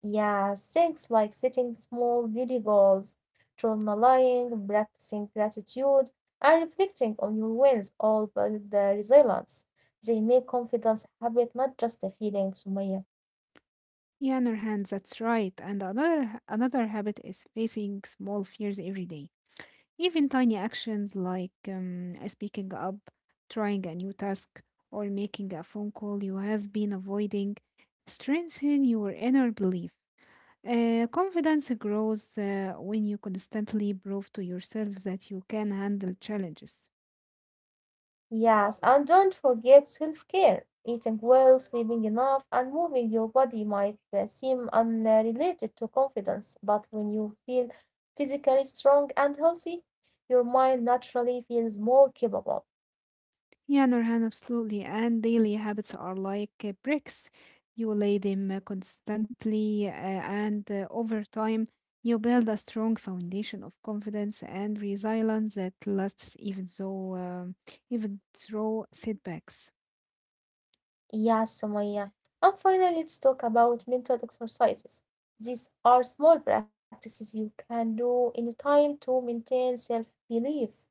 [SPEAKER 1] Yeah, things like setting small daily goals, journaling, practicing gratitude, and reflecting on your wins all build the resilience. They make confidence a habit, not just a feeling, Sumaya.
[SPEAKER 2] Yeah, Nurhan, that's right. And another habit is facing small fears every day. Even tiny actions like speaking up, trying a new task, or making a phone call you have been avoiding strengthen your inner belief. Confidence grows when you constantly prove to yourself that you can handle challenges.
[SPEAKER 1] Yes, and don't forget self care. Eating well, sleeping enough, and moving your body might seem unrelated to confidence, but when you feel physically strong and healthy, your mind naturally feels more capable.
[SPEAKER 2] Yeah, Nurhan, absolutely. And daily habits are like bricks. You lay them constantly, and over time, you build a strong foundation of confidence and resilience that lasts even through setbacks.
[SPEAKER 1] Yes, Sumaya. And finally, let's talk about mental exercises. These are small practices you can do anytime to maintain self belief.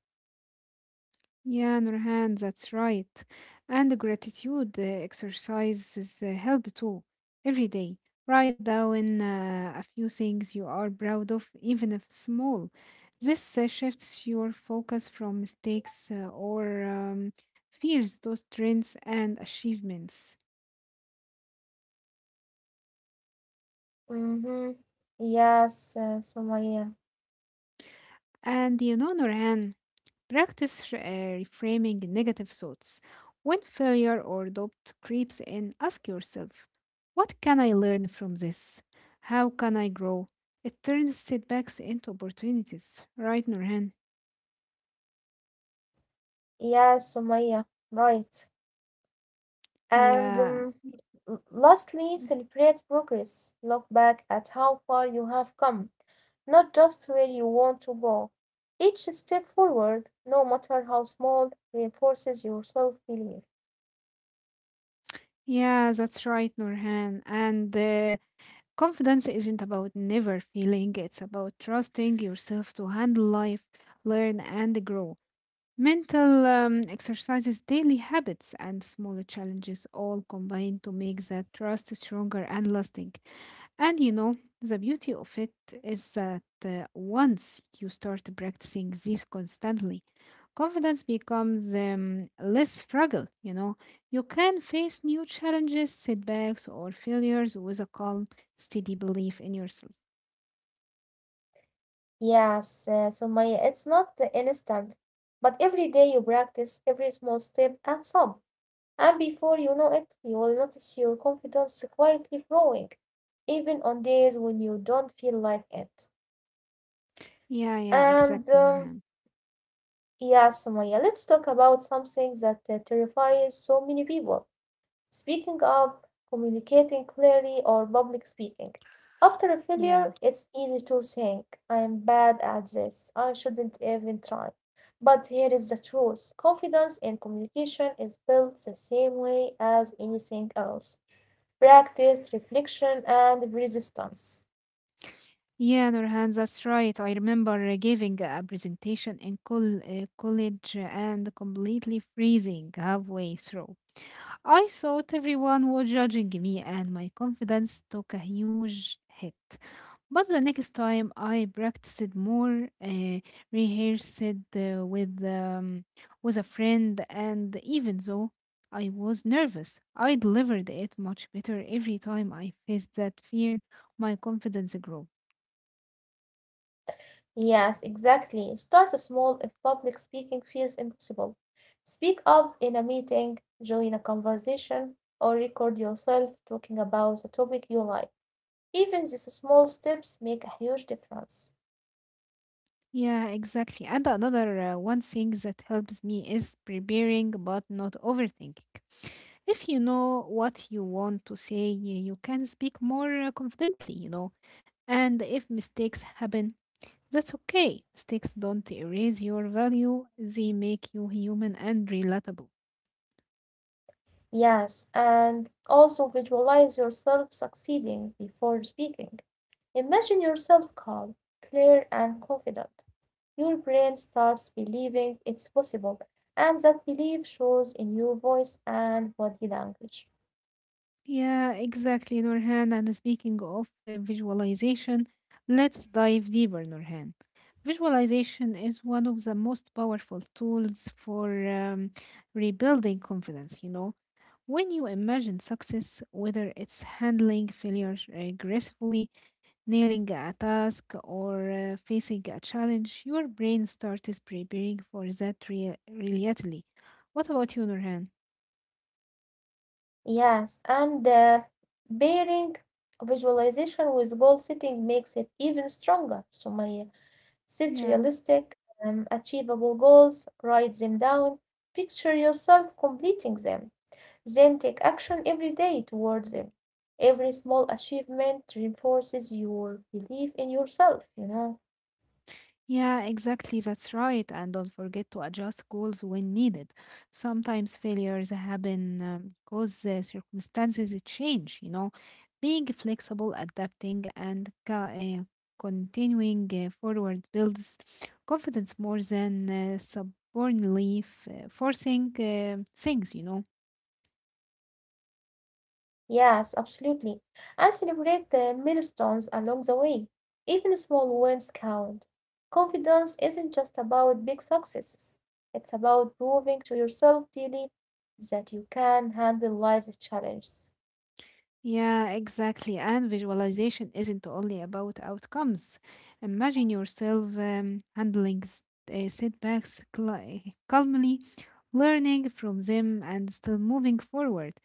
[SPEAKER 2] Yeah, Nurhan, that's right. And the gratitude exercises help too. Every day, write down a few things you are proud of, even if small. This shifts your focus from mistakes or fears to strengths and achievements.
[SPEAKER 1] Mm-hmm. Yes, uh, Sumaya.
[SPEAKER 2] And you know, Nurhan, practice reframing negative thoughts. When failure or doubt creeps in, ask yourself, what can I learn from this? How can I grow? It turns setbacks into opportunities, right, Nurhan?
[SPEAKER 1] Yes, Sumaya. Right. And
[SPEAKER 2] Yeah,
[SPEAKER 1] um, Lastly, celebrate progress. Look back at how far you have come, not just where you want to go. Each step forward, no matter how small, reinforces your self belief.
[SPEAKER 2] yeah, that's right, Nurhan. And confidence isn't about never feeling, it's about trusting yourself to handle life, learn, and grow. Mental exercises, daily habits, and smaller challenges all combine to make that trust stronger and lasting. And you know, the beauty of it is that once you start practicing this constantly, confidence becomes less fragile. You know, you can face new challenges, setbacks, or failures with a calm, steady belief in yourself.
[SPEAKER 1] Yes, Sumaya, it's not the instant, but every day you practice, every small step adds up. And before you know it, you will notice your confidence quietly growing, even on days when you don't feel like it.
[SPEAKER 2] Yeah, yeah,
[SPEAKER 1] And
[SPEAKER 2] exactly,
[SPEAKER 1] um,
[SPEAKER 2] Nurhan.
[SPEAKER 1] Yeah, Sumaya, let's talk about something that terrifies so many people: speaking up, communicating clearly, or public speaking. After a
[SPEAKER 2] Yeah.
[SPEAKER 1] failure, it's easy to think, I'm bad at this, I shouldn't even try. But here is the truth: confidence in communication is built the same way as anything else: practice, reflection, and resistance.
[SPEAKER 2] Yeah, Nurhan, that's right. I remember giving a presentation in college and completely freezing halfway through. I thought everyone was judging me, and my confidence took a huge hit. But the next time I practiced more, rehearsed uh, with um, with a friend, and even though I was nervous, I delivered it much better every time I faced that fear. My confidence grew.
[SPEAKER 1] Yes, exactly. Start small if public speaking feels impossible. Speak up in a meeting, join a conversation, or record yourself talking about a topic you like. Even these small steps make a huge difference.
[SPEAKER 2] Yeah, exactly. And another one thing that helps me is preparing but not overthinking. If you know what you want to say, you can speak more confidently, you know. And if mistakes happen, that's okay. Mistakes don't erase your value, they make you human and relatable.
[SPEAKER 1] Yes, and also visualize yourself succeeding before speaking. Imagine yourself calm, clear, and confident. Your brain starts believing it's possible, and that belief shows in your voice and body language.
[SPEAKER 2] Yeah, exactly, Nurhan. And speaking of visualization, let's dive deeper, Nurhan. Visualization is one of the most powerful tools for rebuilding confidence, you know. When you imagine success, whether it's handling failure gracefully, nailing a task, or facing a challenge, your brain starts preparing for that reality. What about you, Nurhan?
[SPEAKER 1] Yes, and pairing visualization with goal setting makes it even stronger. So Maya, set
[SPEAKER 2] Yeah.
[SPEAKER 1] realistic, achievable goals, write them down, picture yourself completing them, then take action every day towards them. Every small achievement reinforces your belief in yourself, you know.
[SPEAKER 2] Yeah, exactly. That's right. And don't forget to adjust goals when needed. Sometimes failures happen because circumstances change, you know. Being flexible, adapting, and continuing forward builds confidence more than subordinately forcing things, you know.
[SPEAKER 1] Yes, absolutely. And celebrate the milestones along the way. Even small wins count. Confidence isn't just about big successes, it's about proving to yourself daily that you can handle life's challenges.
[SPEAKER 2] Yeah, exactly. And visualization isn't only about outcomes. Imagine yourself handling setbacks calmly, learning from them, and still moving forward.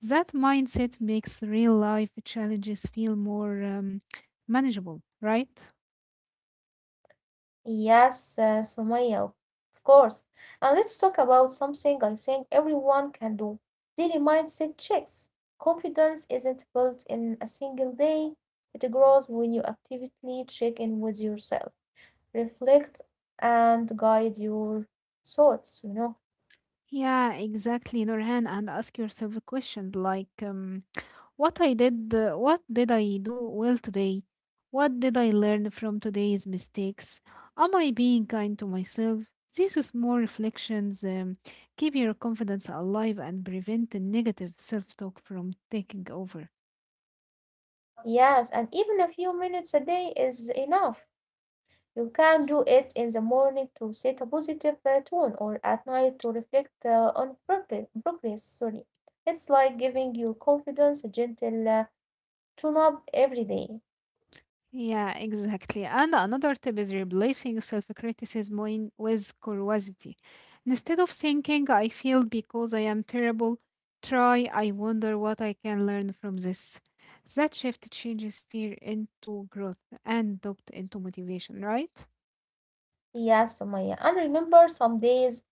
[SPEAKER 2] That mindset makes real life challenges feel more manageable, right?
[SPEAKER 1] Yes, Sumaya, of course. And let's talk about something I think everyone can do: daily mindset checks. Confidence isn't built in a single day, it grows when you actively check in with yourself, reflect and guide your thoughts, you know.
[SPEAKER 2] Yeah, exactly, Nurhan. And ask yourself a question like, what what did I do well today? What did I learn from today's mistakes? Am I being kind to myself? These small reflections keep your confidence alive and prevent the negative self talk from taking over.
[SPEAKER 1] Yes, and even a few minutes a day is enough. You can do it in the morning to set a positive tone or at night to reflect on progress. Sorry. It's like giving your confidence a gentle tune up every day.
[SPEAKER 2] Yeah, exactly. And another tip is replacing self criticism with curiosity. Instead of thinking, I failed because I am terrible, try, I wonder what I can learn from this. That shift changes fear into growth and doubt into motivation, right?
[SPEAKER 1] Yes, Sumaya. And remember, some days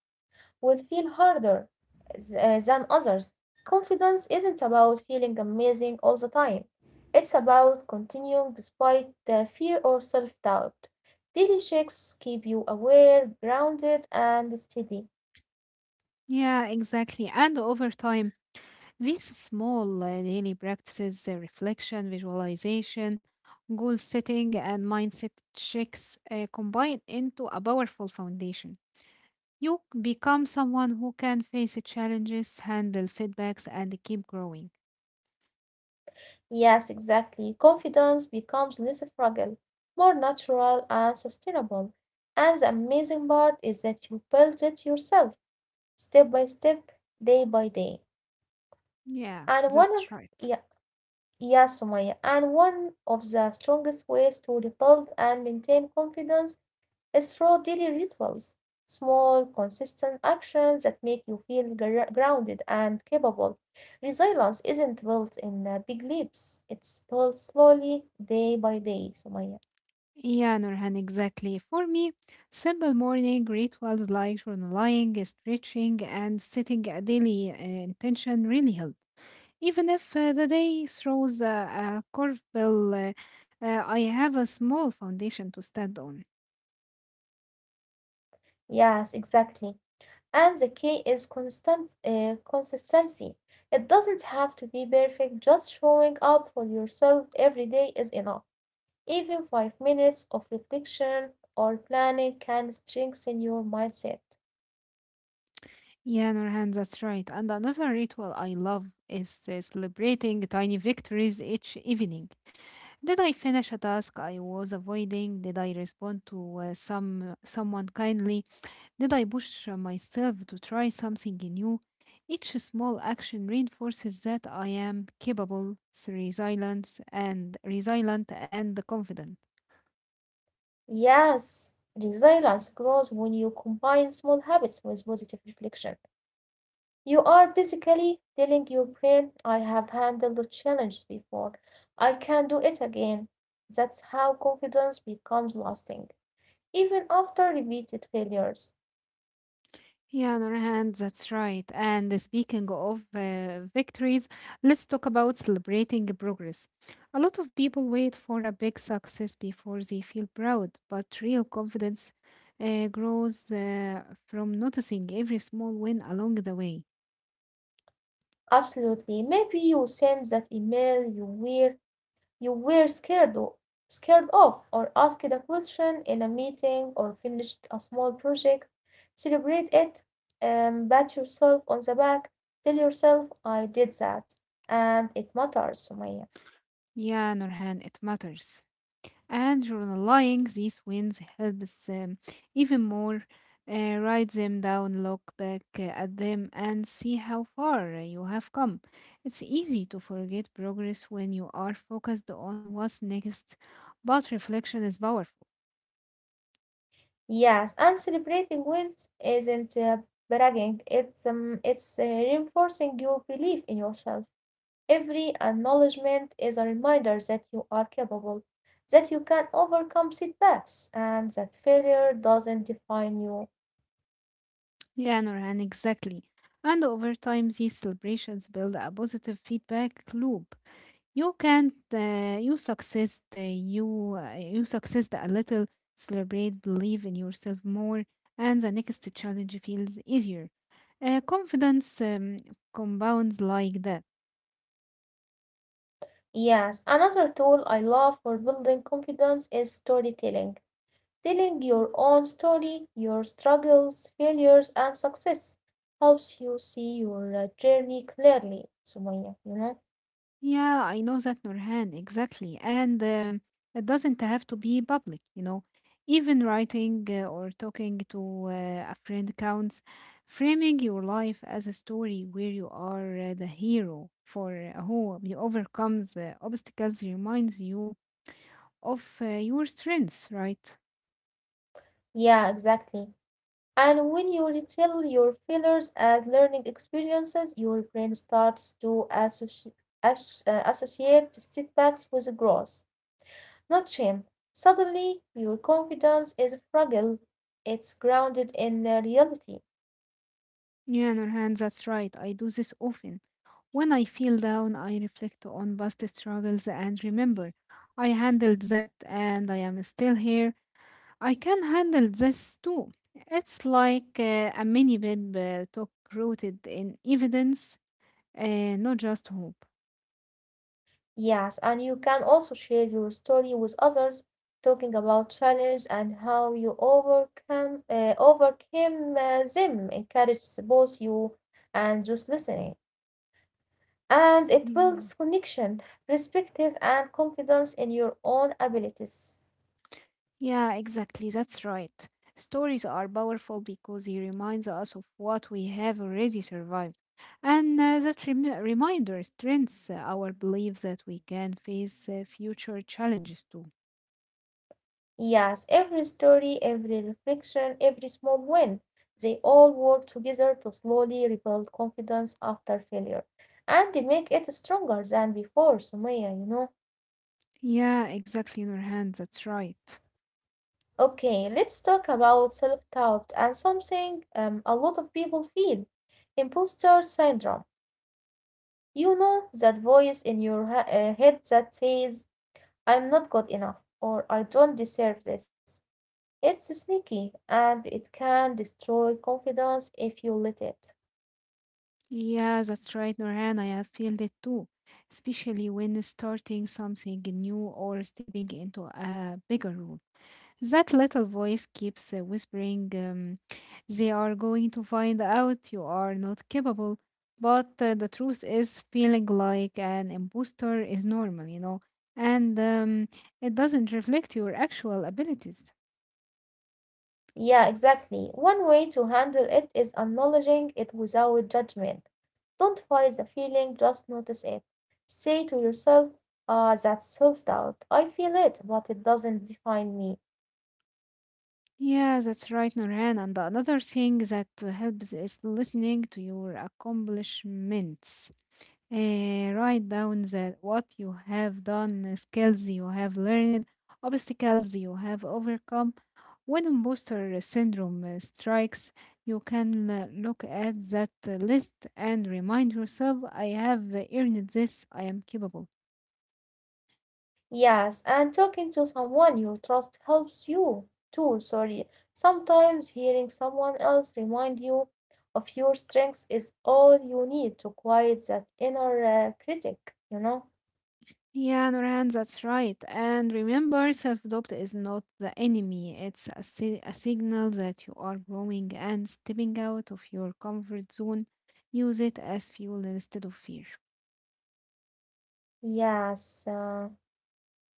[SPEAKER 1] would feel harder than others. Confidence isn't about feeling amazing all the time. It's about continuing despite the fear or self-doubt. Daily checks keep you aware, grounded, and steady.
[SPEAKER 2] Yeah, exactly. And over time, these small daily practices, reflection, visualization, goal setting, and mindset checks combine into a powerful foundation. You become someone who can face challenges, handle setbacks, and keep growing.
[SPEAKER 1] Yes, exactly. Confidence becomes less fragile, more natural and sustainable. And the amazing part is that you build it yourself, step by step, day by day.
[SPEAKER 2] Yeah,
[SPEAKER 1] And one of
[SPEAKER 2] that's right.
[SPEAKER 1] yeah, Yes, Sumaya. And one of the strongest ways to rebuild and maintain confidence is through daily rituals, small, consistent actions that make you feel grounded and capable. Resilience isn't built in big leaps, it's built slowly, day by day, Sumaya.
[SPEAKER 2] Yeah, Nurhan, exactly. For me, simple morning rituals like journaling, stretching, and setting a daily intention really help. Even if the day throws a curveball, I have a small foundation to stand on.
[SPEAKER 1] Yes, exactly. And the key is constant consistency. It doesn't have to be perfect, just showing up for yourself every day is enough. Even 5 minutes of reflection or planning can strengthen your mindset.
[SPEAKER 2] Yeah, Nurhan, that's right. And another ritual I love is celebrating tiny victories each evening. Did I finish a task I was avoiding? Did I respond to someone kindly? Did I push myself to try something new? Each small action reinforces that I am capable, resilient, and resilient and confident.
[SPEAKER 1] Yes, resilience grows when you combine small habits with positive reflection. You are basically telling your brain, I have handled the challenge before, I can do it again. That's how confidence becomes lasting, even after repeated failures.
[SPEAKER 2] Yeah, on our hand, that's right. And speaking of victories, let's talk about celebrating progress. A lot of people wait for a big success before they feel proud, but real confidence grows from noticing every small win along the way.
[SPEAKER 1] Absolutely. Maybe you send that email you were scared of, or asked a question in a meeting, or finished a small project. Celebrate it, pat yourself on the back, tell yourself, I did that, and it matters, Sumaya.
[SPEAKER 2] Yeah, Nurhan, it matters. And journaling these wins helps even more. Write them down, look back at them, and see how far you have come. It's easy to forget progress when you are focused on what's next, but reflection is powerful.
[SPEAKER 1] Yes, and celebrating wins isn't bragging, it's reinforcing your belief in yourself. Every acknowledgement is a reminder that you are capable, that you can overcome setbacks, and that failure doesn't define you.
[SPEAKER 2] Yeah, Norhan, exactly. And over time, these celebrations build a positive feedback loop. You can't, you success, you, You success a little, celebrate, believe in yourself more, and the next challenge feels easier. Confidence compounds like that.
[SPEAKER 1] Yes, another tool I love for building confidence is storytelling. Telling your own story, your struggles, failures, and success helps you see your journey clearly, Sumaya, you know?
[SPEAKER 2] Yeah, I know that, Nurhan, exactly. And it doesn't have to be public, you know. Even writing or talking to a friend counts. Framing your life as a story where you are the hero for who overcomes obstacles reminds you of your strengths, right?
[SPEAKER 1] Yeah, exactly. And when you retell your failures as learning experiences, your brain starts to associate setbacks with growth. Not shame. Suddenly your confidence is fragile. It's grounded in reality.
[SPEAKER 2] Yeah, Nurhan, that's right. I do this often. When I feel down, I reflect on past struggles and remember I handled that and I am still here. I can handle this too. It's like a mini bib talk rooted in evidence, not just hope.
[SPEAKER 1] Yes, and you can also share your story with others, talking about challenges and how you overcome overcame them encourages both you and those listening. And it builds
[SPEAKER 2] Yeah.
[SPEAKER 1] connection, perspective, and confidence in your own abilities.
[SPEAKER 2] Yeah, exactly. That's right. Stories are powerful because they remind us of what we have already survived. And that reminder strengthens our belief that we can face future challenges too.
[SPEAKER 1] Yes, every story, every reflection, every small win, they all work together to slowly rebuild confidence after failure and they make it stronger than before, Sumaya, you know.
[SPEAKER 2] Yeah, exactly, Nurhan. That's right.
[SPEAKER 1] Okay, let's talk about self-doubt and something, a lot of people feel, imposter syndrome. You know that voice in your head that says, I'm not good enough or I don't deserve this. It's sneaky and it can destroy confidence if you let it.
[SPEAKER 2] Yeah, that's right, Norhan. I have felt it too, especially when starting something new or stepping into a bigger role. That little voice keeps whispering, they are going to find out you are not capable. But the truth is, feeling like an imposter is normal, you know, and it doesn't reflect your actual abilities.
[SPEAKER 1] Yeah, exactly. One way to handle it is acknowledging it without judgment. Don't fight the feeling, just notice it. Say to yourself, ah, that's self doubt. I feel it, but it doesn't define me.
[SPEAKER 2] Yeah, that's right, Nurhan. And another thing that helps is listening to your accomplishments. Eh, write down that what you have done, skills you have learned, obstacles you have overcome. When imposter syndrome strikes, you can look at that list and remind yourself, I have earned this, I am capable.
[SPEAKER 1] Yes, and talking to someone you trust helps you too. Sorry. Sometimes hearing someone else remind you of your strengths is all you need to quiet that inner critic, you know?
[SPEAKER 2] Yeah, Nurhan, that's right. And remember, self doubt is not the enemy, it's a signal that you are growing and stepping out of your comfort zone. Use it as fuel instead of fear.
[SPEAKER 1] Yes.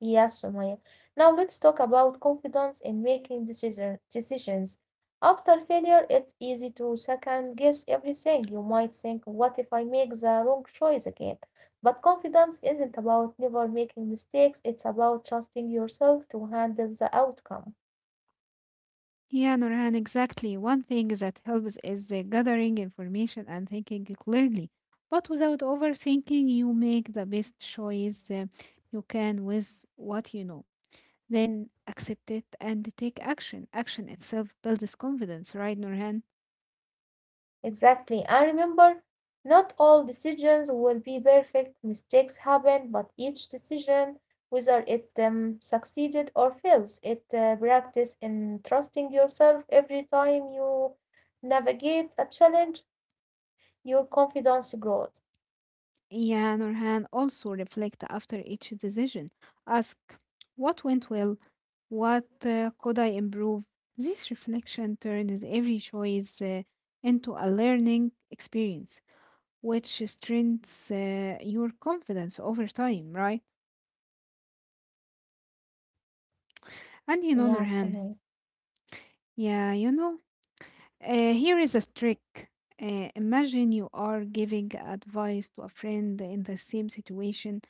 [SPEAKER 1] Yes, Sumaya. Now let's talk about confidence in making decisions. After failure, it's easy to second guess everything. You might think, what if I make the wrong choice again? But confidence isn't about never making mistakes, it's about trusting yourself to handle the outcome.
[SPEAKER 2] Yeah, Nurhan, exactly. One thing that helps is gathering information and thinking clearly. But without overthinking, you make the best choice you can with what you know. Then accept it and take action. Action itself builds confidence, right, Nurhan?
[SPEAKER 1] Exactly. And remember, not all decisions will be perfect. Mistakes happen, but each decision, whether it succeeded or fails, it practice in trusting yourself every time you navigate a challenge, your confidence grows.
[SPEAKER 2] Yeah, Nurhan, also reflect after each decision. Ask what went well, what could I improve. This reflection turns every choice into a learning experience, which strengthens your confidence over time, right? And you know,
[SPEAKER 1] Yes, Sumaya.
[SPEAKER 2] Nurhan, yeah, you know, here is a trick. Imagine you are giving advice to a friend in the same situation.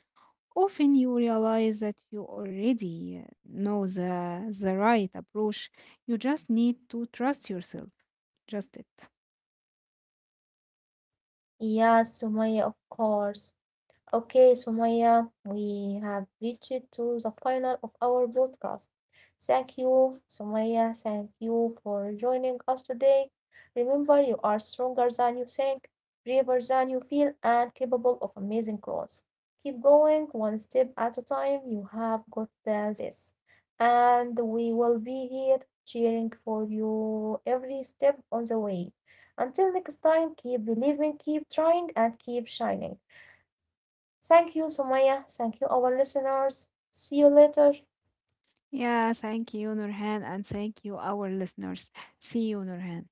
[SPEAKER 2] Often you realize that you already know the right approach. You just need to trust yourself. Just it.
[SPEAKER 1] Yes, Sumaya, of course. Okay, Sumaya, we have reached to the final of our podcast. Thank you, Sumaya. Thank you for joining us today. Remember, you are stronger than you think, braver than you feel, and capable of amazing growth. Keep going one step at a time. You have got this. And we will be here cheering for you every step on the way. Until next time, keep believing, keep trying, and keep shining. Thank you, Sumaya. Thank you, our listeners. See you later.
[SPEAKER 2] Yeah, thank you, Nurhan, and thank you, our listeners. See you, Nurhan.